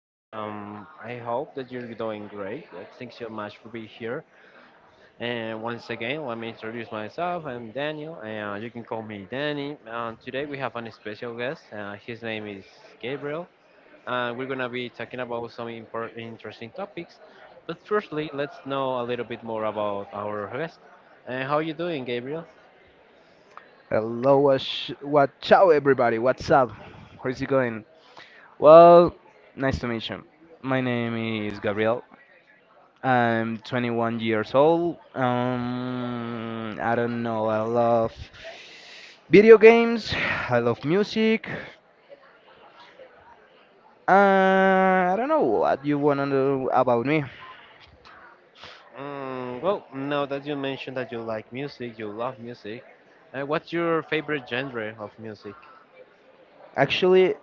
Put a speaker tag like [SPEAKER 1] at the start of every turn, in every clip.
[SPEAKER 1] I hope that you're doing great. Thanks so much for being here. And once again, let me introduce myself. I'm Daniel, and you can call me Danny. Today we have an special guest. His name is Gabriel. We're gonna be talking about some important, interesting topics. But firstly, let's know a little bit more about our guest. How are you doing, Gabriel?
[SPEAKER 2] Hello, what? Ciao, everybody. What's up? How's it going? Well, nice to meet you. My name is Gabriel. I'm 21 years old. I don't know. I love video games. I love music. I don't know what you want to know about me.
[SPEAKER 1] Well, now that you mentioned that you like music, you love music, what's your favorite genre of music?
[SPEAKER 2] Actually,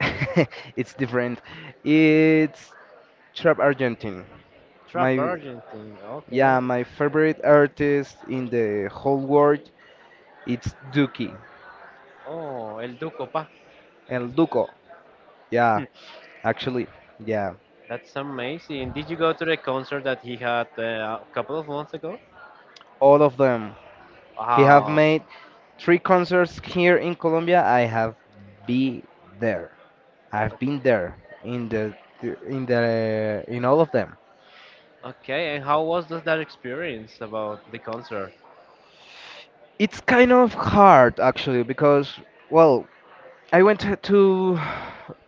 [SPEAKER 2] it's different. It's trap Argentine. My
[SPEAKER 1] Trap Argentine, okay.
[SPEAKER 2] Yeah, my favorite artist in the whole world it's Duki
[SPEAKER 1] Oh, El Duco Pa.
[SPEAKER 2] and Duco. Yeah, actually, yeah,
[SPEAKER 1] That's amazing. Did you go to the concert that he had a couple of months ago?
[SPEAKER 2] all of them. He have
[SPEAKER 1] Wow.
[SPEAKER 2] made three concerts here in Colombia. I have be there. I've been there in the in all of them.
[SPEAKER 1] Okay, and how was that experience about the concert?
[SPEAKER 2] It's kind of hard actually because well, I went to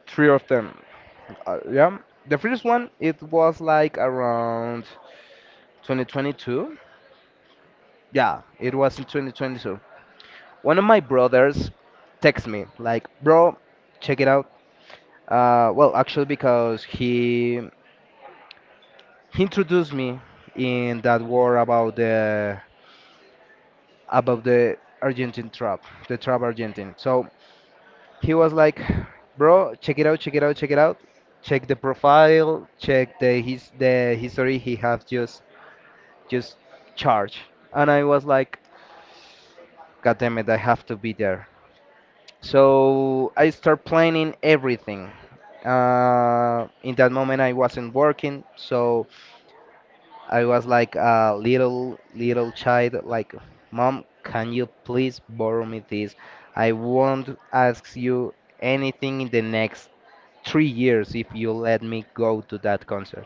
[SPEAKER 2] three of them. Yeah, the first one it was like around. 2022? Yeah, it was in 2022. One of my brothers texts me like, "Bro, check it out." Well, actually, because he introduced me in that war about the about the Argentine trap, the trap Argentine. So he was like, "Bro, check it out, check it out, check it out. Check the profile, check the history he have just charge." And I was like, "God damn it, I have to be there." So I start planning everything. In that moment, I wasn't working, so I was like a little child, like, "Mom, can you please borrow me this? I won't ask you anything in the next 3 years if you let me go to that concert."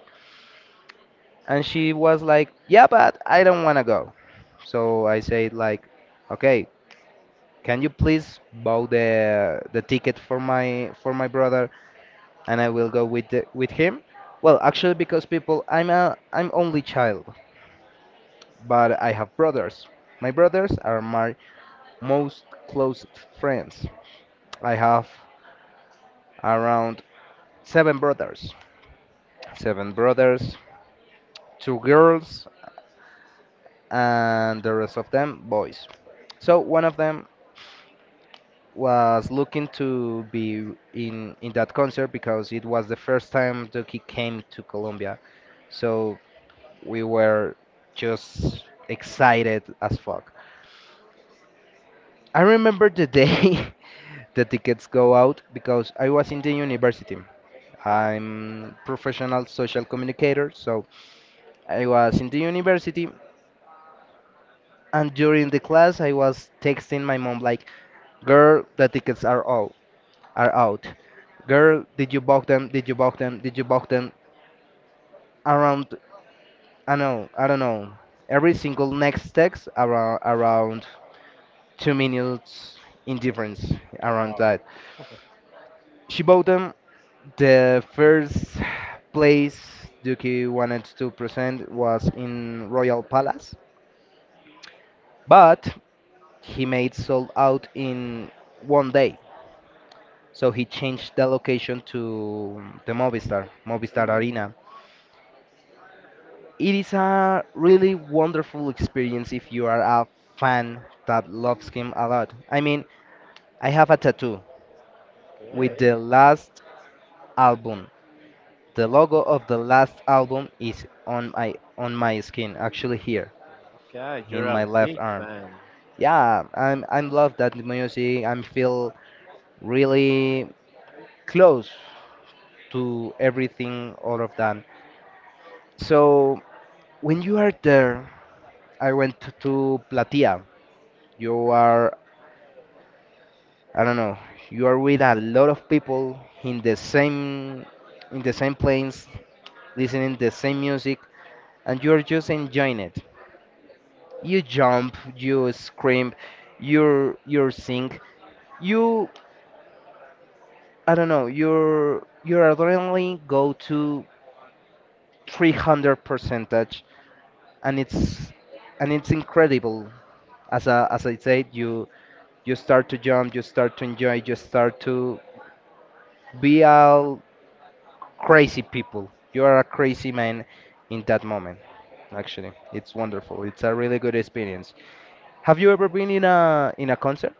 [SPEAKER 2] And she was like, "Yeah, but I don't wanna go." So I said like, "Okay, can you please buy the ticket for my brother?" And I will go with with him. Well, actually, because people, I'm only child, but I have brothers. My brothers are my most close friends. I have around seven brothers, seven brothers, two girls, and the rest of them boys. So one of them was looking to be in that concert because it was the first time Duki came to Colombia. So we were just excited as fuck. I remember the day the tickets go out because I was in the university.
[SPEAKER 1] Okay.
[SPEAKER 2] I'm professional social communicator, so I was in the university and during the class I was texting my mom like, "Girl, the tickets are out. Are out. Girl, did you book them? Did you book them? Did you book them?" Around I don't know. Every single next text around 2 minutes indifference around that. She bought them. The first place Duki wanted to present was in Royal Palace, but he made sold out in one day. So he changed the location to the Movistar
[SPEAKER 1] Mm,
[SPEAKER 2] Arena. It is a really wonderful experience if you are a fan that loves him a lot. I mean, I have a tattoo with
[SPEAKER 1] okay,
[SPEAKER 2] the last album. The logo of the last album is on my skin, actually here
[SPEAKER 1] okay,
[SPEAKER 2] in
[SPEAKER 1] you're
[SPEAKER 2] my
[SPEAKER 1] a
[SPEAKER 2] left
[SPEAKER 1] big
[SPEAKER 2] arm.
[SPEAKER 1] fan.
[SPEAKER 2] Yeah, I'm love that music. I feel really close to everything, all of that. So when you are there, I went to Platia. You are I don't know. You are with a lot of people in the same place, listening the same music, and you are just enjoying it. You jump, you scream, you sing, you I don't know, your adrenaline go to 300 percentage, and it's incredible. As I said, you start to jump, you start to enjoy, you start to be all crazy people. You are a crazy man in that moment. Actually, it's wonderful. It's a really good experience. Have you ever been in a concert?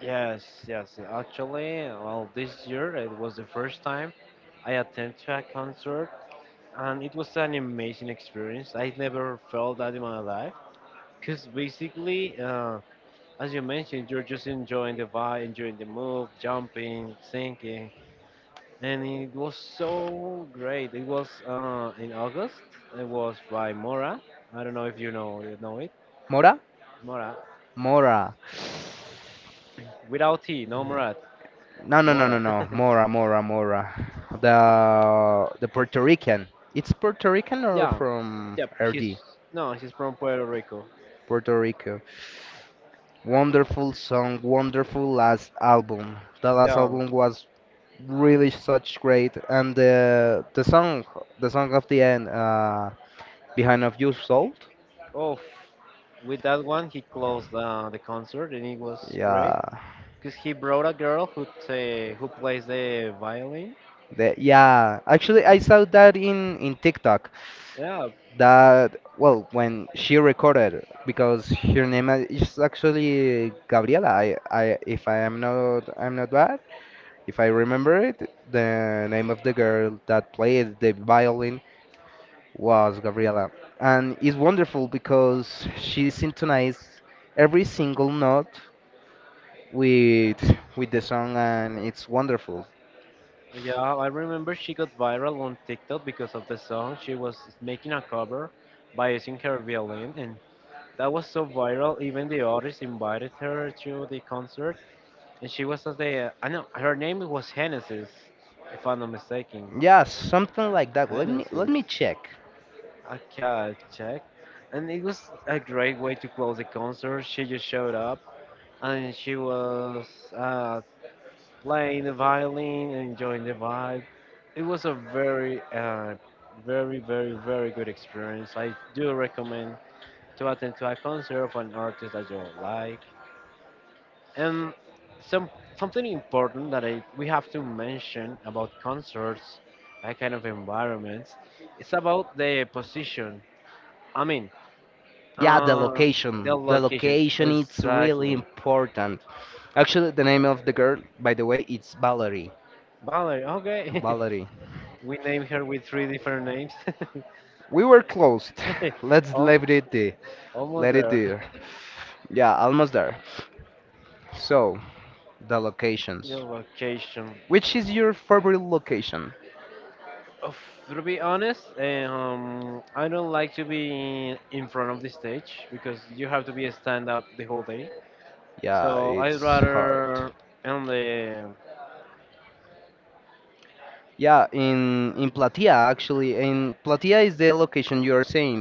[SPEAKER 1] Yes, yes. Actually, well, this year it was the first time I attended a concert, and it was an amazing experience. I never felt that in my life, because basically, as you mentioned, you're just enjoying the vibe, enjoying the move, jumping, singing, and it was so great. It was in August. It was by Mora. I don't know if you know it.
[SPEAKER 2] Mora?
[SPEAKER 1] Mora,
[SPEAKER 2] Mora.
[SPEAKER 1] without T, no Morat,
[SPEAKER 2] No, no, no, no,
[SPEAKER 1] Mora.
[SPEAKER 2] no. Mora, Mora, Mora. The Puerto Rican. It's Puerto Rican or
[SPEAKER 1] Yeah,
[SPEAKER 2] from
[SPEAKER 1] yep. He's
[SPEAKER 2] RD?
[SPEAKER 1] No, he's from Puerto Rico.
[SPEAKER 2] Puerto Rico. Wonderful song, wonderful last album. The last
[SPEAKER 1] Yeah.
[SPEAKER 2] album was really such great, and the song of the end, behind of you sold.
[SPEAKER 1] Oh, with that one, he closed the concert, and it was great
[SPEAKER 2] Yeah,
[SPEAKER 1] because he brought a girl who plays the violin.
[SPEAKER 2] yeah. Actually, I saw that in TikTok.
[SPEAKER 1] Yeah,
[SPEAKER 2] That well when she recorded because her name is actually Gabriela. I if I am not I'm not bad if I remember it the name of the girl that played the violin was Gabriela, and it's wonderful because she synchronized every single note with the song, and it's wonderful.
[SPEAKER 1] yeah. I remember she got viral on TikTok because of the song. She was making a cover by using her violin, and that was so viral. Even the artist invited her to the concert, and she was at the. I know her name was Genesis, if I'm not mistaken.
[SPEAKER 2] Yeah, something like that, let me
[SPEAKER 1] Honestly,
[SPEAKER 2] check.
[SPEAKER 1] okay, I'll check. And it was a great way to close the concert. She just showed up and she was uh, playing the violin, enjoying the vibe. It was a very, very, very, very good experience. I do recommend to attend to a concert of an artist that you like. And some something important that I we have to mention about concerts, that kind of environments, it's about the position. I mean,
[SPEAKER 2] Yeah, the
[SPEAKER 1] uh,
[SPEAKER 2] location.
[SPEAKER 1] the
[SPEAKER 2] The
[SPEAKER 1] location.
[SPEAKER 2] location it's really
[SPEAKER 1] Exactly.
[SPEAKER 2] important. Actually, the name of the girl, by the way, it's Valerie.
[SPEAKER 1] Valerie, okay.
[SPEAKER 2] Valerie.
[SPEAKER 1] We named her with three different names.
[SPEAKER 2] We were close. Let's
[SPEAKER 1] Al-
[SPEAKER 2] leave it there.
[SPEAKER 1] almost
[SPEAKER 2] Let it
[SPEAKER 1] there.
[SPEAKER 2] there. Yeah, almost there. So, the
[SPEAKER 1] The
[SPEAKER 2] locations.
[SPEAKER 1] location.
[SPEAKER 2] Which is your favorite location?
[SPEAKER 1] Of, to be honest, I don't like to be in front of the stage because you have to be a stand up the whole day.
[SPEAKER 2] Yeah,
[SPEAKER 1] So I'd
[SPEAKER 2] it's hard.
[SPEAKER 1] rather, on the
[SPEAKER 2] Yeah, in Platia actually. In Platia is the location you are saying.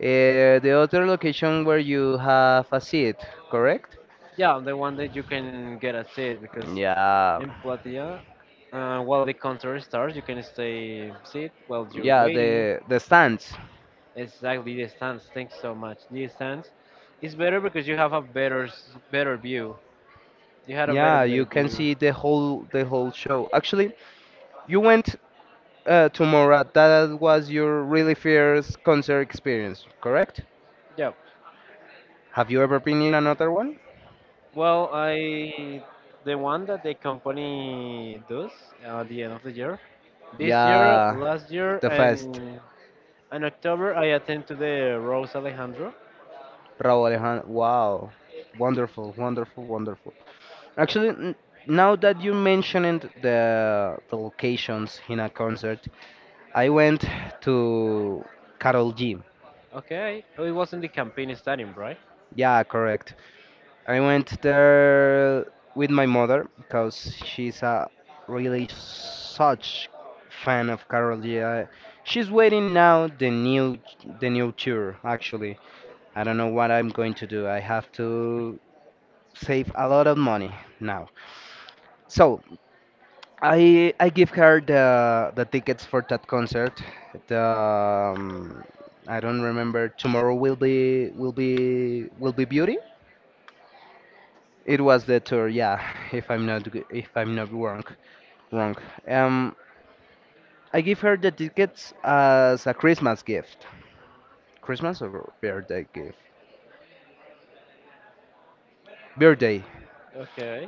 [SPEAKER 2] The other location where you have a seat, correct?
[SPEAKER 1] yeah, on the one that you can get a seat because
[SPEAKER 2] Yeah.
[SPEAKER 1] in Platia. While the concert starts, you can stay sit while you're
[SPEAKER 2] Yeah,
[SPEAKER 1] waiting.
[SPEAKER 2] the stands.
[SPEAKER 1] Exactly the stands. Thanks so much. The stands is better because you have a better better view. You had a better
[SPEAKER 2] Yeah,
[SPEAKER 1] better
[SPEAKER 2] you can
[SPEAKER 1] view.
[SPEAKER 2] see the whole show. Actually, you went to Mora. That was your really first concert experience, correct?
[SPEAKER 1] Yeah.
[SPEAKER 2] Have you ever been in another one?
[SPEAKER 1] Well, I the one that the company does at the end of the year. This year,
[SPEAKER 2] Yeah,
[SPEAKER 1] last year,
[SPEAKER 2] the fest.
[SPEAKER 1] and in October, I attend to the Rose Alejandro.
[SPEAKER 2] Raúl Alejandro. Wow, wonderful, wonderful, wonderful. Actually, now that you mentioned the locations in a concert, I went to Carol G.
[SPEAKER 1] Okay. Oh, it was in the campaign stadium, right?
[SPEAKER 2] Yeah, correct. I went there with my mother because she's a really such fan of Carol G. She's waiting now the new tour actually. I don't know what I'm going to do. I have to save a lot of money now. So I give her the tickets for that concert. The I don't remember. Tomorrow will be beauty. It was the tour, yeah, if I'm not wrong, wrong. Um, I give her the tickets as a Christmas gift. Christmas or birthday gift? Birthday.
[SPEAKER 1] Okay.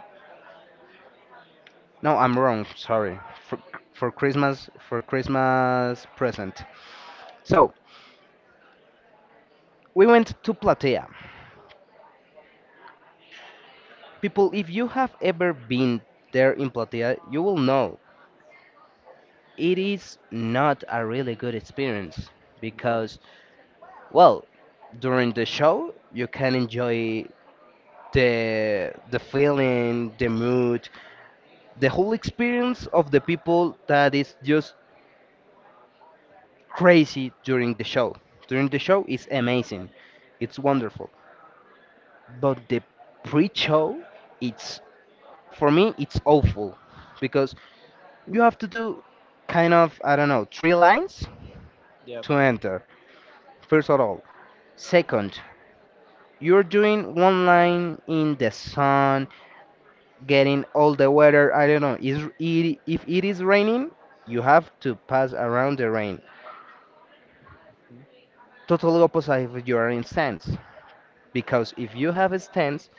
[SPEAKER 2] No, I'm wrong. Sorry. For, for Christmas present. So we went to Platea. People, if you have ever been there in Platea, you will know it is not a really good experience
[SPEAKER 1] No.
[SPEAKER 2] because well, during the show, you can enjoy the feeling, the mood, the whole experience of the people that is just crazy during the show. During the show is amazing. It's wonderful. But the pre-show, it's for me it's awful because you have to do kind of, I don't know, three lines
[SPEAKER 1] Yep.
[SPEAKER 2] to enter. First of all, second, you're doing one line in the sun getting all the weather. I don't know. If it is raining, you have to pass around the rain. Total opposite if you are in stands, because if you have a stance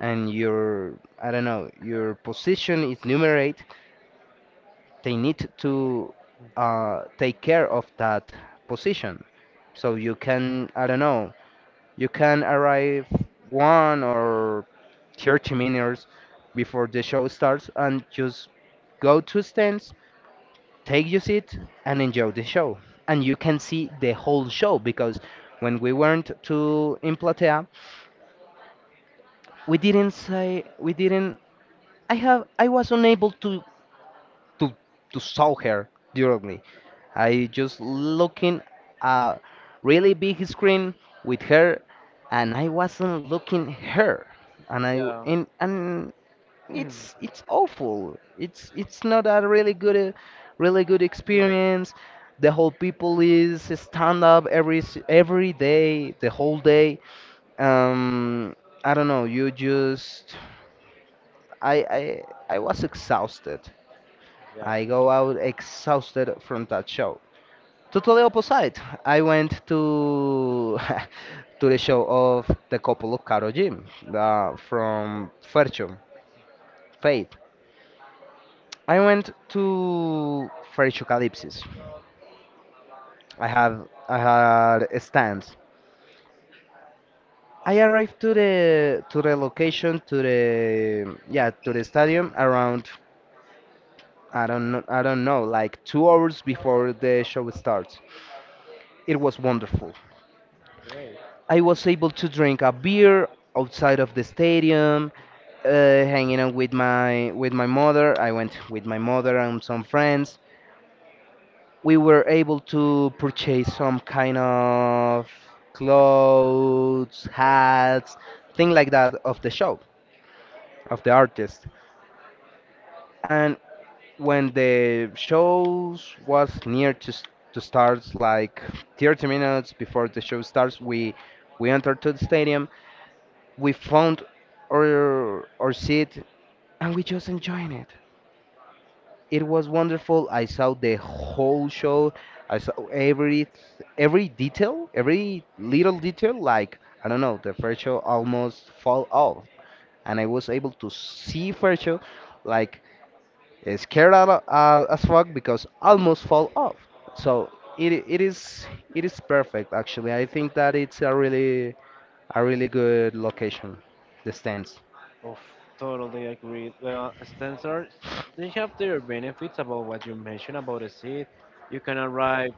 [SPEAKER 2] and your I don't know your position is numerate, they need to take care of that position. So you can I don't know you can arrive one or 30 minutes before the show starts and just go to stands, take your seat, and enjoy the show. And you can see the whole show because when we went to in Platea, we didn't. I was unable to to saw her directly. I just looking a really big screen with her, and I wasn't looking her, and I
[SPEAKER 1] Yeah.
[SPEAKER 2] and it's awful. It's not a really good really good
[SPEAKER 1] Mm,
[SPEAKER 2] experience. The whole people is stand up every day, the whole day. Um, I don't know. You just I I I was exhausted.
[SPEAKER 1] yeah,
[SPEAKER 2] I go out exhausted from that show. Totally opposite. I went to to the show of the couple of Caro Jim from Fercho, Faith. I went to Freshocalypsis. I had a stand. I arrived to the yeah to the stadium around I don't know like 2 hours before the show starts. It was wonderful.
[SPEAKER 1] great.
[SPEAKER 2] I was able to drink a beer outside of the stadium, hanging out with my mother. I went with my mother and some friends. We were able to purchase some kind of clothes, hats, thing like that of the shop, of the artist. And when the shows was near to start, like 30 minutes before the show starts, we entered to the stadium, we found our seat, and we just enjoying it. It was wonderful. I saw the whole show. I saw every detail, every little detail. Like I don't know, the first show almost fall off, and I was able to see first show like as fuck because almost fall off. So it it is it is perfect actually. I think that it's a really good location. The stands.
[SPEAKER 1] Oof, totally agree. Well, stencils, they have their benefits about what you mentioned about the seat. You can arrive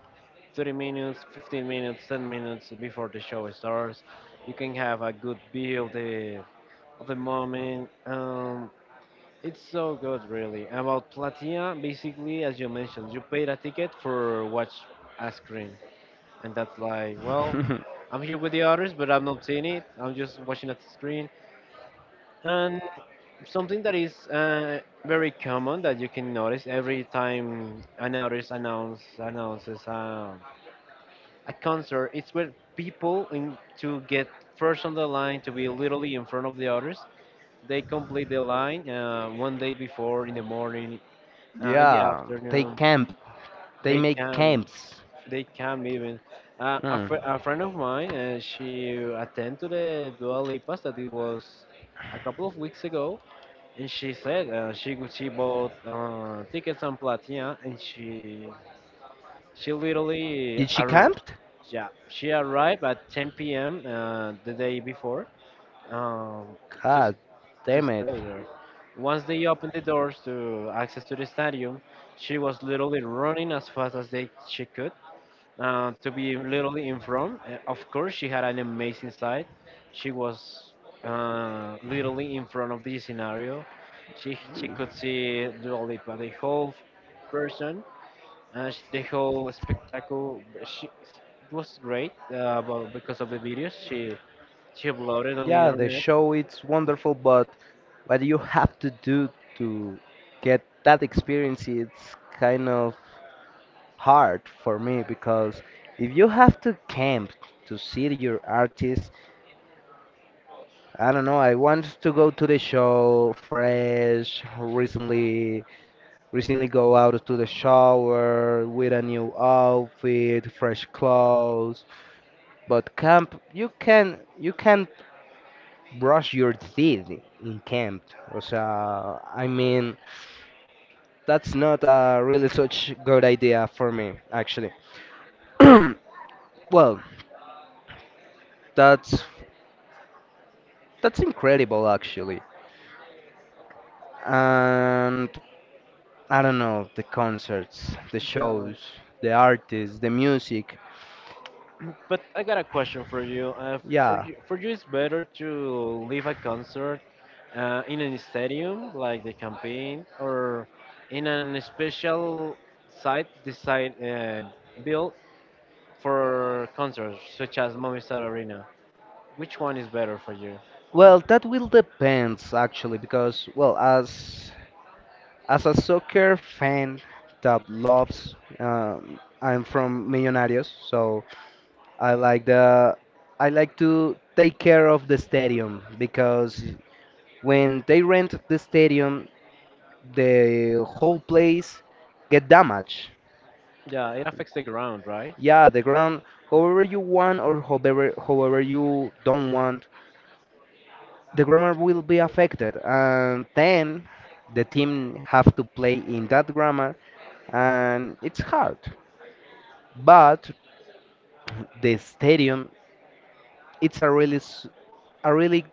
[SPEAKER 1] 30 minutes, 15 minutes, 10 minutes before the show starts. You can have a good view of the moment. It's so good, really. About Platia, basically, as you mentioned, you paid a ticket for watch a screen, and that's like, well, I'm here with the others, but I'm not seeing it. I'm just watching at the screen. Something that is very common that you can notice every time an artist announces a concert, it's where people in, to get first on the line to be literally in front of the others, they complete the line, one day before, in the morning, in the
[SPEAKER 2] Yeah, they
[SPEAKER 1] afternoon.
[SPEAKER 2] camp. They
[SPEAKER 1] they
[SPEAKER 2] make
[SPEAKER 1] can
[SPEAKER 2] camps.
[SPEAKER 1] they come even, uh, a,
[SPEAKER 2] Hmm.
[SPEAKER 1] fr- a friend of mine, she attended to the Dua Lipas that it was a couple of weeks ago. And she said, she bought tickets on Platia, and she literally
[SPEAKER 2] Did she
[SPEAKER 1] ar-
[SPEAKER 2] camped?
[SPEAKER 1] yeah, she arrived at 10 p.m. The day before, um, to
[SPEAKER 2] God
[SPEAKER 1] to
[SPEAKER 2] damn it.
[SPEAKER 1] stay there. Once they opened the doors to access to the stadium, she was literally running as fast as they she could, to be literally in front. Of course, she had an amazing sight. She was literally in front of the scenario. She could see Dua Lipa, the whole person, the whole spectacle. She It was great, because of the videos she uploaded on the
[SPEAKER 2] Yeah, the
[SPEAKER 1] internet.
[SPEAKER 2] show it's wonderful, but what you have to do to get that experience it's kind of hard for me because if you have to camp to see your artist, I don't know, I want to go to the show fresh, recently go out to the shower with a new outfit, fresh clothes. But camp, you can brush your teeth in camp. So I mean, that's not a really such good idea for me, actually. Well, that's that's incredible, actually. And I don't know, the concerts, the
[SPEAKER 1] Yeah,
[SPEAKER 2] shows, the artists, the music.
[SPEAKER 1] but I got a question for you. Uh, for
[SPEAKER 2] Yeah.
[SPEAKER 1] you, for you, it's better to leave a concert in a stadium like the campaign, or in an special site design, built for concerts, such as Movistar Arena. Which one is better for you?
[SPEAKER 2] Well, that will depends actually because well, as a soccer fan that loves I'm from Millonarios, so I like the I like to take care of the stadium because when they rent the stadium, the whole place get damaged.
[SPEAKER 1] Yeah, it affects the ground, right?
[SPEAKER 2] Yeah, the ground, however you want or however you don't want, the grammar will be affected, and then the team have to play in that grammar, and it's hard. But the stadium, it's a really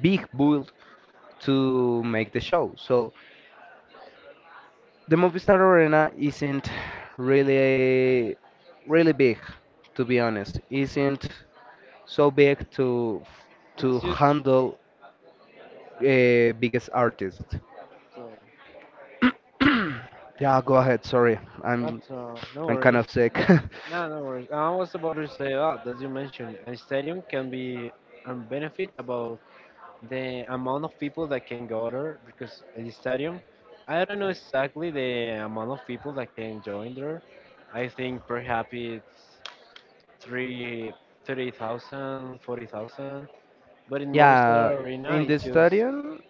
[SPEAKER 2] big build to make the show. So the Movistar Arena isn't really really big, to be honest. Isn't so big to
[SPEAKER 1] It's just.
[SPEAKER 2] handle biggest artists.
[SPEAKER 1] Uh,
[SPEAKER 2] Yeah, go ahead. Sorry,
[SPEAKER 1] not,
[SPEAKER 2] I'm
[SPEAKER 1] no
[SPEAKER 2] I'm kind
[SPEAKER 1] worries.
[SPEAKER 2] of sick.
[SPEAKER 1] No, no worries. I was about to say, oh, as you mentioned, a stadium can be a benefit about the amount of people that can go there because the stadium, I don't know exactly the amount of people that can join there. I think perhaps it's three, 30,000, 40,000. But in
[SPEAKER 2] Yeah,
[SPEAKER 1] Movistar Arena
[SPEAKER 2] in the
[SPEAKER 1] it's just
[SPEAKER 2] stadium.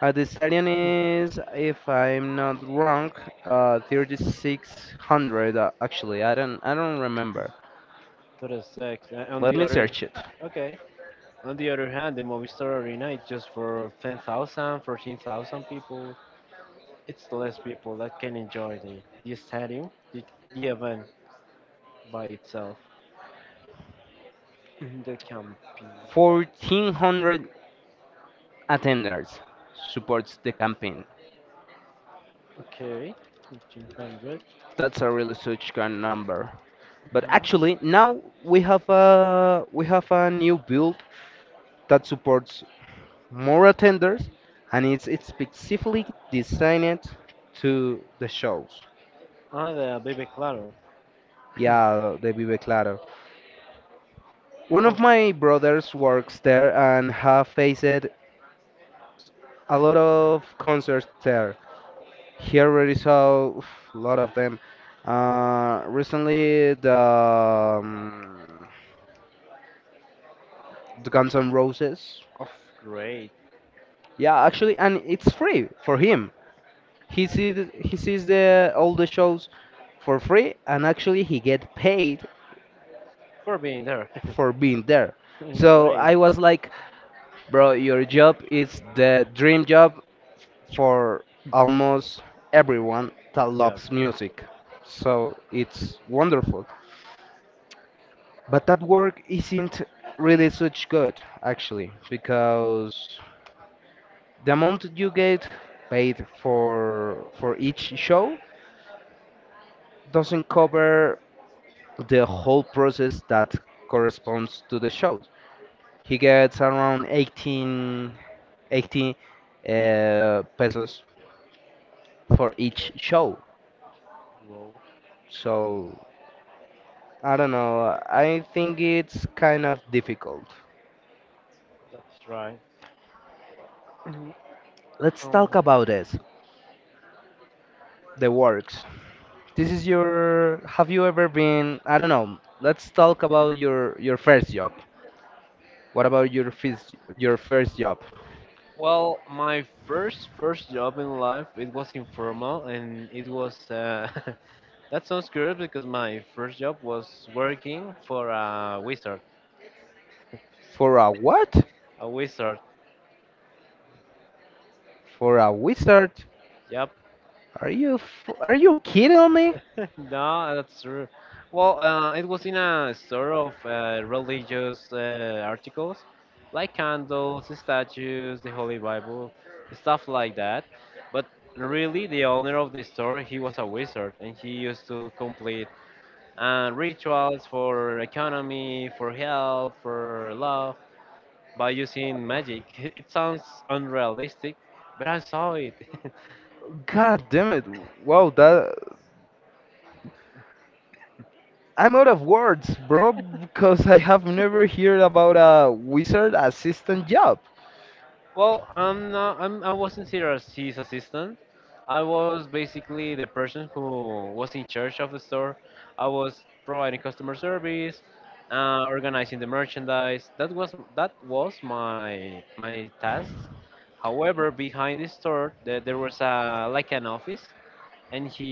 [SPEAKER 2] The stadium is, if I'm not wrong, 3600 actually. I don't remember.
[SPEAKER 1] 36. On
[SPEAKER 2] Let
[SPEAKER 1] the
[SPEAKER 2] me
[SPEAKER 1] other
[SPEAKER 2] search it.
[SPEAKER 1] Okay, on the other hand, the Movistar Arena is just for 10,000, 14,000 people. It's less people that can enjoy the stadium, the event by itself. The camping.
[SPEAKER 2] 1,400 attenders supports the campaign.
[SPEAKER 1] Okay, 1500.
[SPEAKER 2] That's a really such kind number. But actually, now we have a new build that supports more attenders, and it's specifically designed to the shows.
[SPEAKER 1] Hi there, baby Claro.
[SPEAKER 2] Yeah, the Vive Claro. One of
[SPEAKER 1] Oh,
[SPEAKER 2] my brothers works there and have faced a lot of concerts there. Here already saw a lot of them. Recently, the the Guns N' Roses.
[SPEAKER 1] oh, great.
[SPEAKER 2] Yeah, actually, and it's free for him. He sees the all the shows for free, and actually he get paid
[SPEAKER 1] For being there.
[SPEAKER 2] for being there. So
[SPEAKER 1] Great
[SPEAKER 2] I was like, bro, your job is the dream job for almost everyone that
[SPEAKER 1] job.
[SPEAKER 2] loves music. So it's wonderful. But that work isn't really such good, actually, because the amount that you get paid for each show doesn't cover the whole process that corresponds to the shows. He gets around 18, 18 pesos for each show.
[SPEAKER 1] Whoa,
[SPEAKER 2] So I don't know. I think it's kind of difficult.
[SPEAKER 1] that's right.
[SPEAKER 2] Let's
[SPEAKER 1] Um,
[SPEAKER 2] talk about this. The works. This is your. Have you ever been? I don't know. Let's talk about your first job. What about your first job?
[SPEAKER 1] well, my first job in life, it was informal and it was that sounds good because my first job was working for a wizard.
[SPEAKER 2] For a what?
[SPEAKER 1] A wizard.
[SPEAKER 2] For a wizard?
[SPEAKER 1] Yep,
[SPEAKER 2] Are you kidding me?
[SPEAKER 1] no, that's true. Well, it was in a store of religious articles, like candles, statues, the Holy Bible, stuff like that. But really, the owner of the store, he was a wizard, and he used to complete rituals for economy, for health, for love by using magic. It sounds unrealistic, but I saw it.
[SPEAKER 2] God damn it! Wow, that I'm out of words, bro, because I have never heard about a wizard assistant job.
[SPEAKER 1] Well, I'm not. I wasn't here as his assistant. I was basically the person who was in charge of the store. I was providing customer service, organizing the merchandise. That was my task. However, behind the store, there was a like an office, and he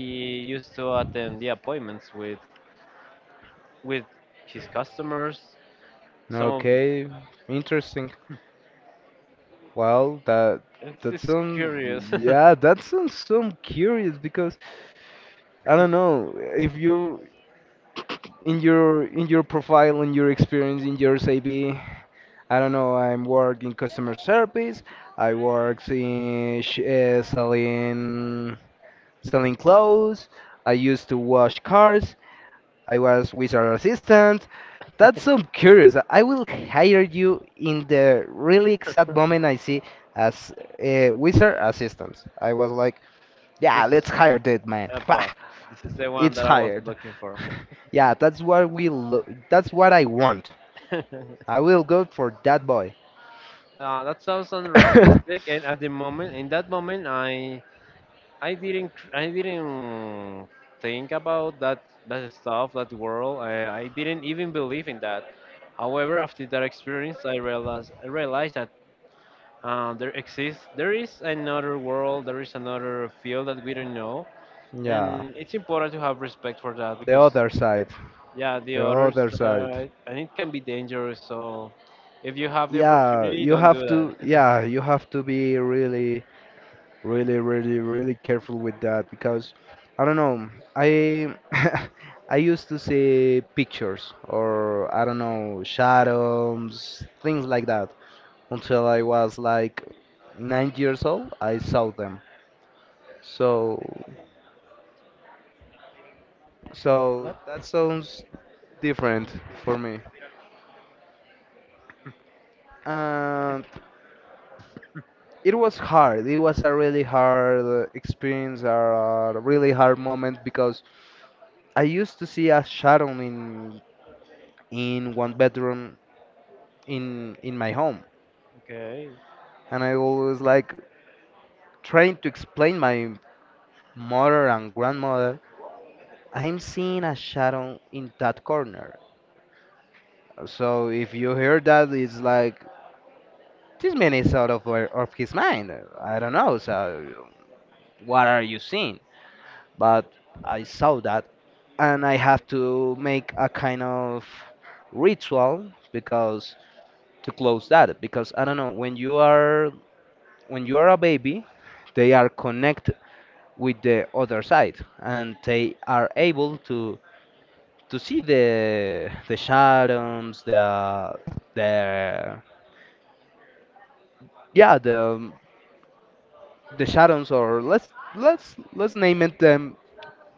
[SPEAKER 1] used to attend the appointments with his customers. Some of
[SPEAKER 2] Okay, interesting. Well, that
[SPEAKER 1] it's,
[SPEAKER 2] that
[SPEAKER 1] it's
[SPEAKER 2] sounds
[SPEAKER 1] curious.
[SPEAKER 2] yeah, that sounds so curious because I don't know if you in your profile, in your experience, in your CV, I don't know. I'm work in customer service. I work selling selling clothes. I used to wash cars. I was wizard assistant. That's so curious. I will hire you in the really exact moment I see as a wizard assistant. I was like, yeah,
[SPEAKER 1] This is
[SPEAKER 2] let's hire that man. Bah,
[SPEAKER 1] Epa. This is the one
[SPEAKER 2] it's
[SPEAKER 1] that I was
[SPEAKER 2] hired.
[SPEAKER 1] looking for.
[SPEAKER 2] Yeah, that's what I want.
[SPEAKER 1] uh,
[SPEAKER 2] I will go for that boy.
[SPEAKER 1] that sounds unrealistic, and at the moment, in that moment, I didn't think about that stuff, that world. I didn't even believe in that. However, after that experience, I realized that there is another world, there is another field that we don't know,
[SPEAKER 2] Yeah,
[SPEAKER 1] and it's important to have respect for that
[SPEAKER 2] the
[SPEAKER 1] because,
[SPEAKER 2] other side.
[SPEAKER 1] yeah, the
[SPEAKER 2] The
[SPEAKER 1] others,
[SPEAKER 2] other side.
[SPEAKER 1] and it can be dangerous. So if you have the
[SPEAKER 2] Yeah,
[SPEAKER 1] opportunity,
[SPEAKER 2] you
[SPEAKER 1] don't do
[SPEAKER 2] have
[SPEAKER 1] that.
[SPEAKER 2] to yeah, you have to be really really really really careful with that because I don't know, I I used to see pictures or I don't know, shadows, things like that until I was like 9 years old. I saw them. So so
[SPEAKER 1] What?
[SPEAKER 2] that sounds different for me, and it was hard. It was a really hard experience or a really hard moment because I used to see a shadow in one bedroom in my home,
[SPEAKER 1] Okay.
[SPEAKER 2] and I always like trying to explain my mother and grandmother I'm seeing a shadow in that corner. So if you hear that, it's like, this man is out of of his mind, I don't know. So what are you seeing? But I saw that, and I have to make a kind of ritual because to close that because I don't know, when you are a baby, they are connected with the other side and they are able to see the shadows, the yeah, the shadows. Or let's name it them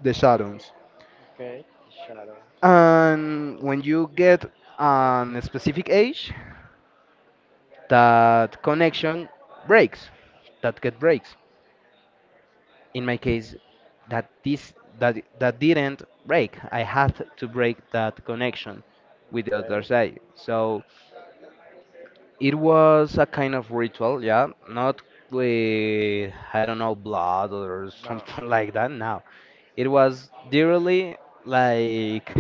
[SPEAKER 2] the shadows.
[SPEAKER 1] Okay. Shadow.
[SPEAKER 2] And when you get an specific age, that connection breaks, that get breaks. In my case, that this that didn't break. I had to break that connection with the other
[SPEAKER 1] Okay,
[SPEAKER 2] side. So it was a kind of ritual. Yeah, not with I don't know, blood or
[SPEAKER 1] no.
[SPEAKER 2] something like that. No, it was literally like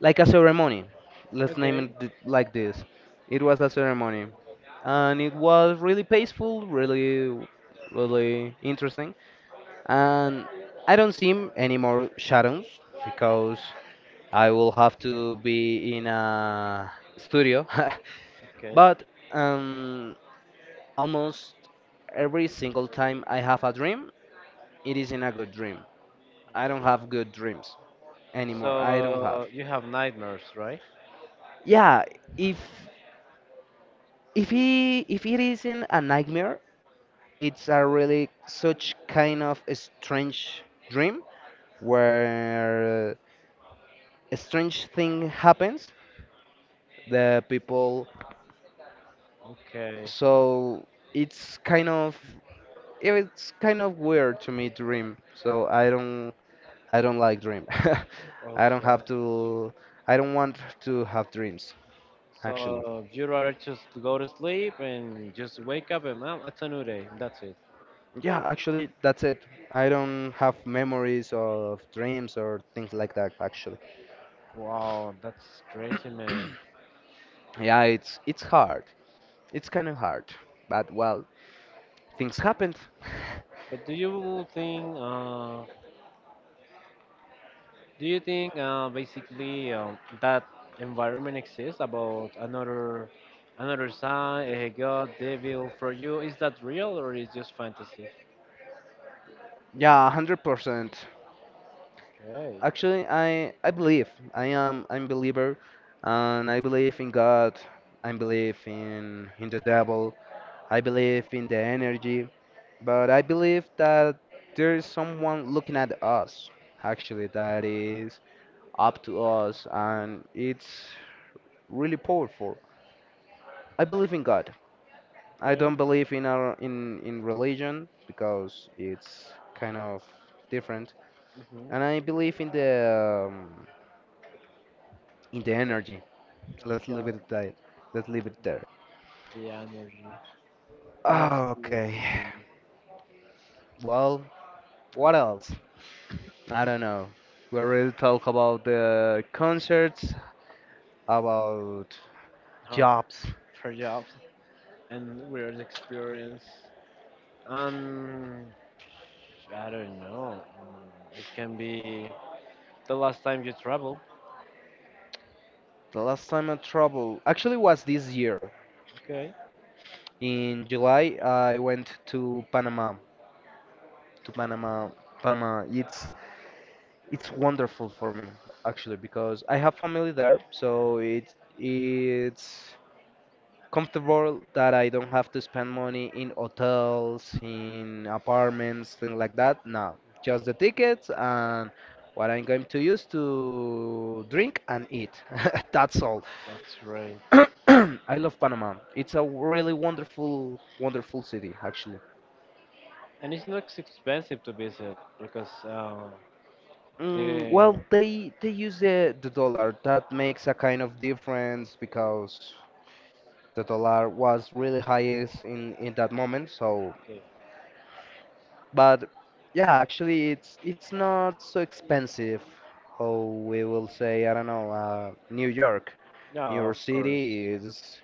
[SPEAKER 2] like a ceremony, let's name
[SPEAKER 1] Okay,
[SPEAKER 2] it th- like this it was a ceremony, and it was really peaceful, really really interesting. And I don't see any more shadows because I will have to be in a studio.
[SPEAKER 1] okay.
[SPEAKER 2] But um, almost every single time I have a dream, it isn't a good dream. I don't have good dreams anymore. I don't have.
[SPEAKER 1] So you have nightmares, right?
[SPEAKER 2] Yeah, if if he if it isn't a nightmare, it's a really such kind of a strange dream where a strange thing happens the people.
[SPEAKER 1] Okay.
[SPEAKER 2] So it's kind of it's kind of weird to me dream. So I don't like dream. I don't
[SPEAKER 1] Okay.
[SPEAKER 2] have to I don't want to have dreams actually.
[SPEAKER 1] So you rather just go to sleep and just wake up and, well, it's a new day. That's it.
[SPEAKER 2] Yeah, actually that's it. I don't have memories of dreams or things like that actually.
[SPEAKER 1] Wow, that's crazy, man.
[SPEAKER 2] Yeah, it's hard. It's kind of hard. But well, things happened.
[SPEAKER 1] But do you think? Do you think basically, that environment exists about another side, a god, devil for you? Is that real or is just fantasy?
[SPEAKER 2] Yeah, 100%.
[SPEAKER 1] Okay.
[SPEAKER 2] Actually, I believe I'm believer, and I believe in God. I believe in the devil. I believe in the energy, but I believe that there is someone looking at us. Actually, that is up to us, and it's really powerful. I believe in God. I
[SPEAKER 1] Okay.
[SPEAKER 2] don't believe in our in religion because it's kind of different,
[SPEAKER 1] Hmm.
[SPEAKER 2] and I believe um, in the energy. Let's leave it at that. Let's leave it there.
[SPEAKER 1] The energy,
[SPEAKER 2] Oh, okay.
[SPEAKER 1] non-spiritism
[SPEAKER 2] Well, what else? I don't know. We already talked about the concerts, about
[SPEAKER 1] of
[SPEAKER 2] jobs.
[SPEAKER 1] perhaps and weird experience, and I don't know. It can be the last time you travel.
[SPEAKER 2] The last time I traveled actually was this year.
[SPEAKER 1] Okay.
[SPEAKER 2] In July, I went to Panama. To Panama, Panama. It's wonderful for me actually because I have family there, so it it's comfortable that I don't have to spend money in hotels, in apartments, things like that. No, just the tickets and what I'm going to use to drink and eat. That's all.
[SPEAKER 1] That's right.
[SPEAKER 2] I love Panama. It's a really wonderful, wonderful city, actually.
[SPEAKER 1] And it's not expensive to visit because.
[SPEAKER 2] Mm,
[SPEAKER 1] The,
[SPEAKER 2] well, they use the dollar. That makes a kind of difference because the dollar was really highest in that moment, so. But yeah, actually, it's not so expensive. Oh, we will say, I don't know, New York.
[SPEAKER 1] yeah,
[SPEAKER 2] New
[SPEAKER 1] of
[SPEAKER 2] York
[SPEAKER 1] course.
[SPEAKER 2] City is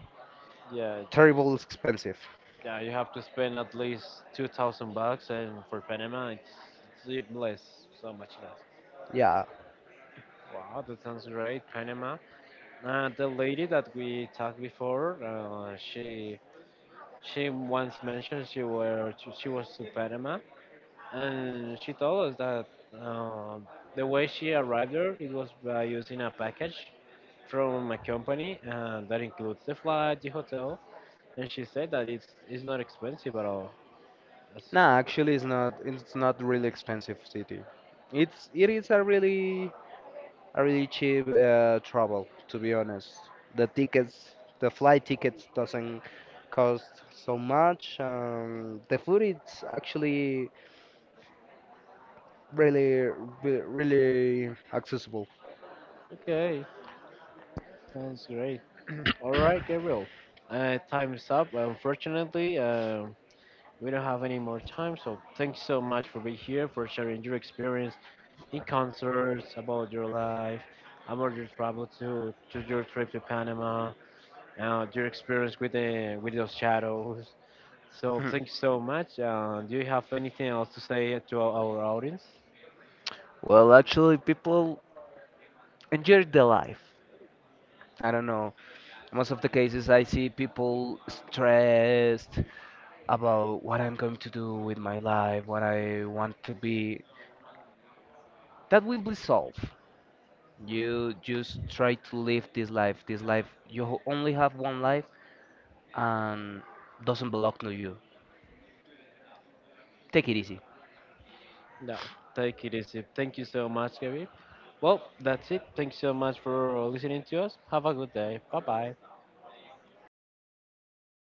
[SPEAKER 1] Yeah,
[SPEAKER 2] terrible expensive.
[SPEAKER 1] yeah. You have to spend at least 2,000 bucks, and for Panama, it's even less, so much less.
[SPEAKER 2] Yeah.
[SPEAKER 1] Wow, that sounds great, Panama. The lady that we talked before, she once mentioned she was to Panama, and she told us that the way she arrived there, it was by using a package from a company, that includes the flight, the hotel. And she said that it's not expensive at all. That's
[SPEAKER 2] Nah, actually, it's not. It's not really expensive city. It's it is a really cheap travel, to be honest. The tickets, the flight tickets, doesn't cost so much. The food is actually really really accessible.
[SPEAKER 1] okay. Sounds great. All right, Gabriel. Time is up. Unfortunately, we don't have any more time. So thanks so much for being here, for sharing your experience in concerts, about your life, about your travel to your trip to Panama, your experience with those shadows. So
[SPEAKER 2] Mhm.
[SPEAKER 1] thanks so much. Do you have anything else to say to our audience?
[SPEAKER 2] Well, actually, people enjoy their life. I don't know. Most of the cases I see people stressed about what I'm going to do with my life, what I want to be. That will be solved. You just try to live this life. This life, you only have one life and doesn't belong to you. Take it easy.
[SPEAKER 1] No, take it easy. Thank you so much, Gabby. Well, that's it. Thank you so much for listening to us. Have a good day. Bye bye.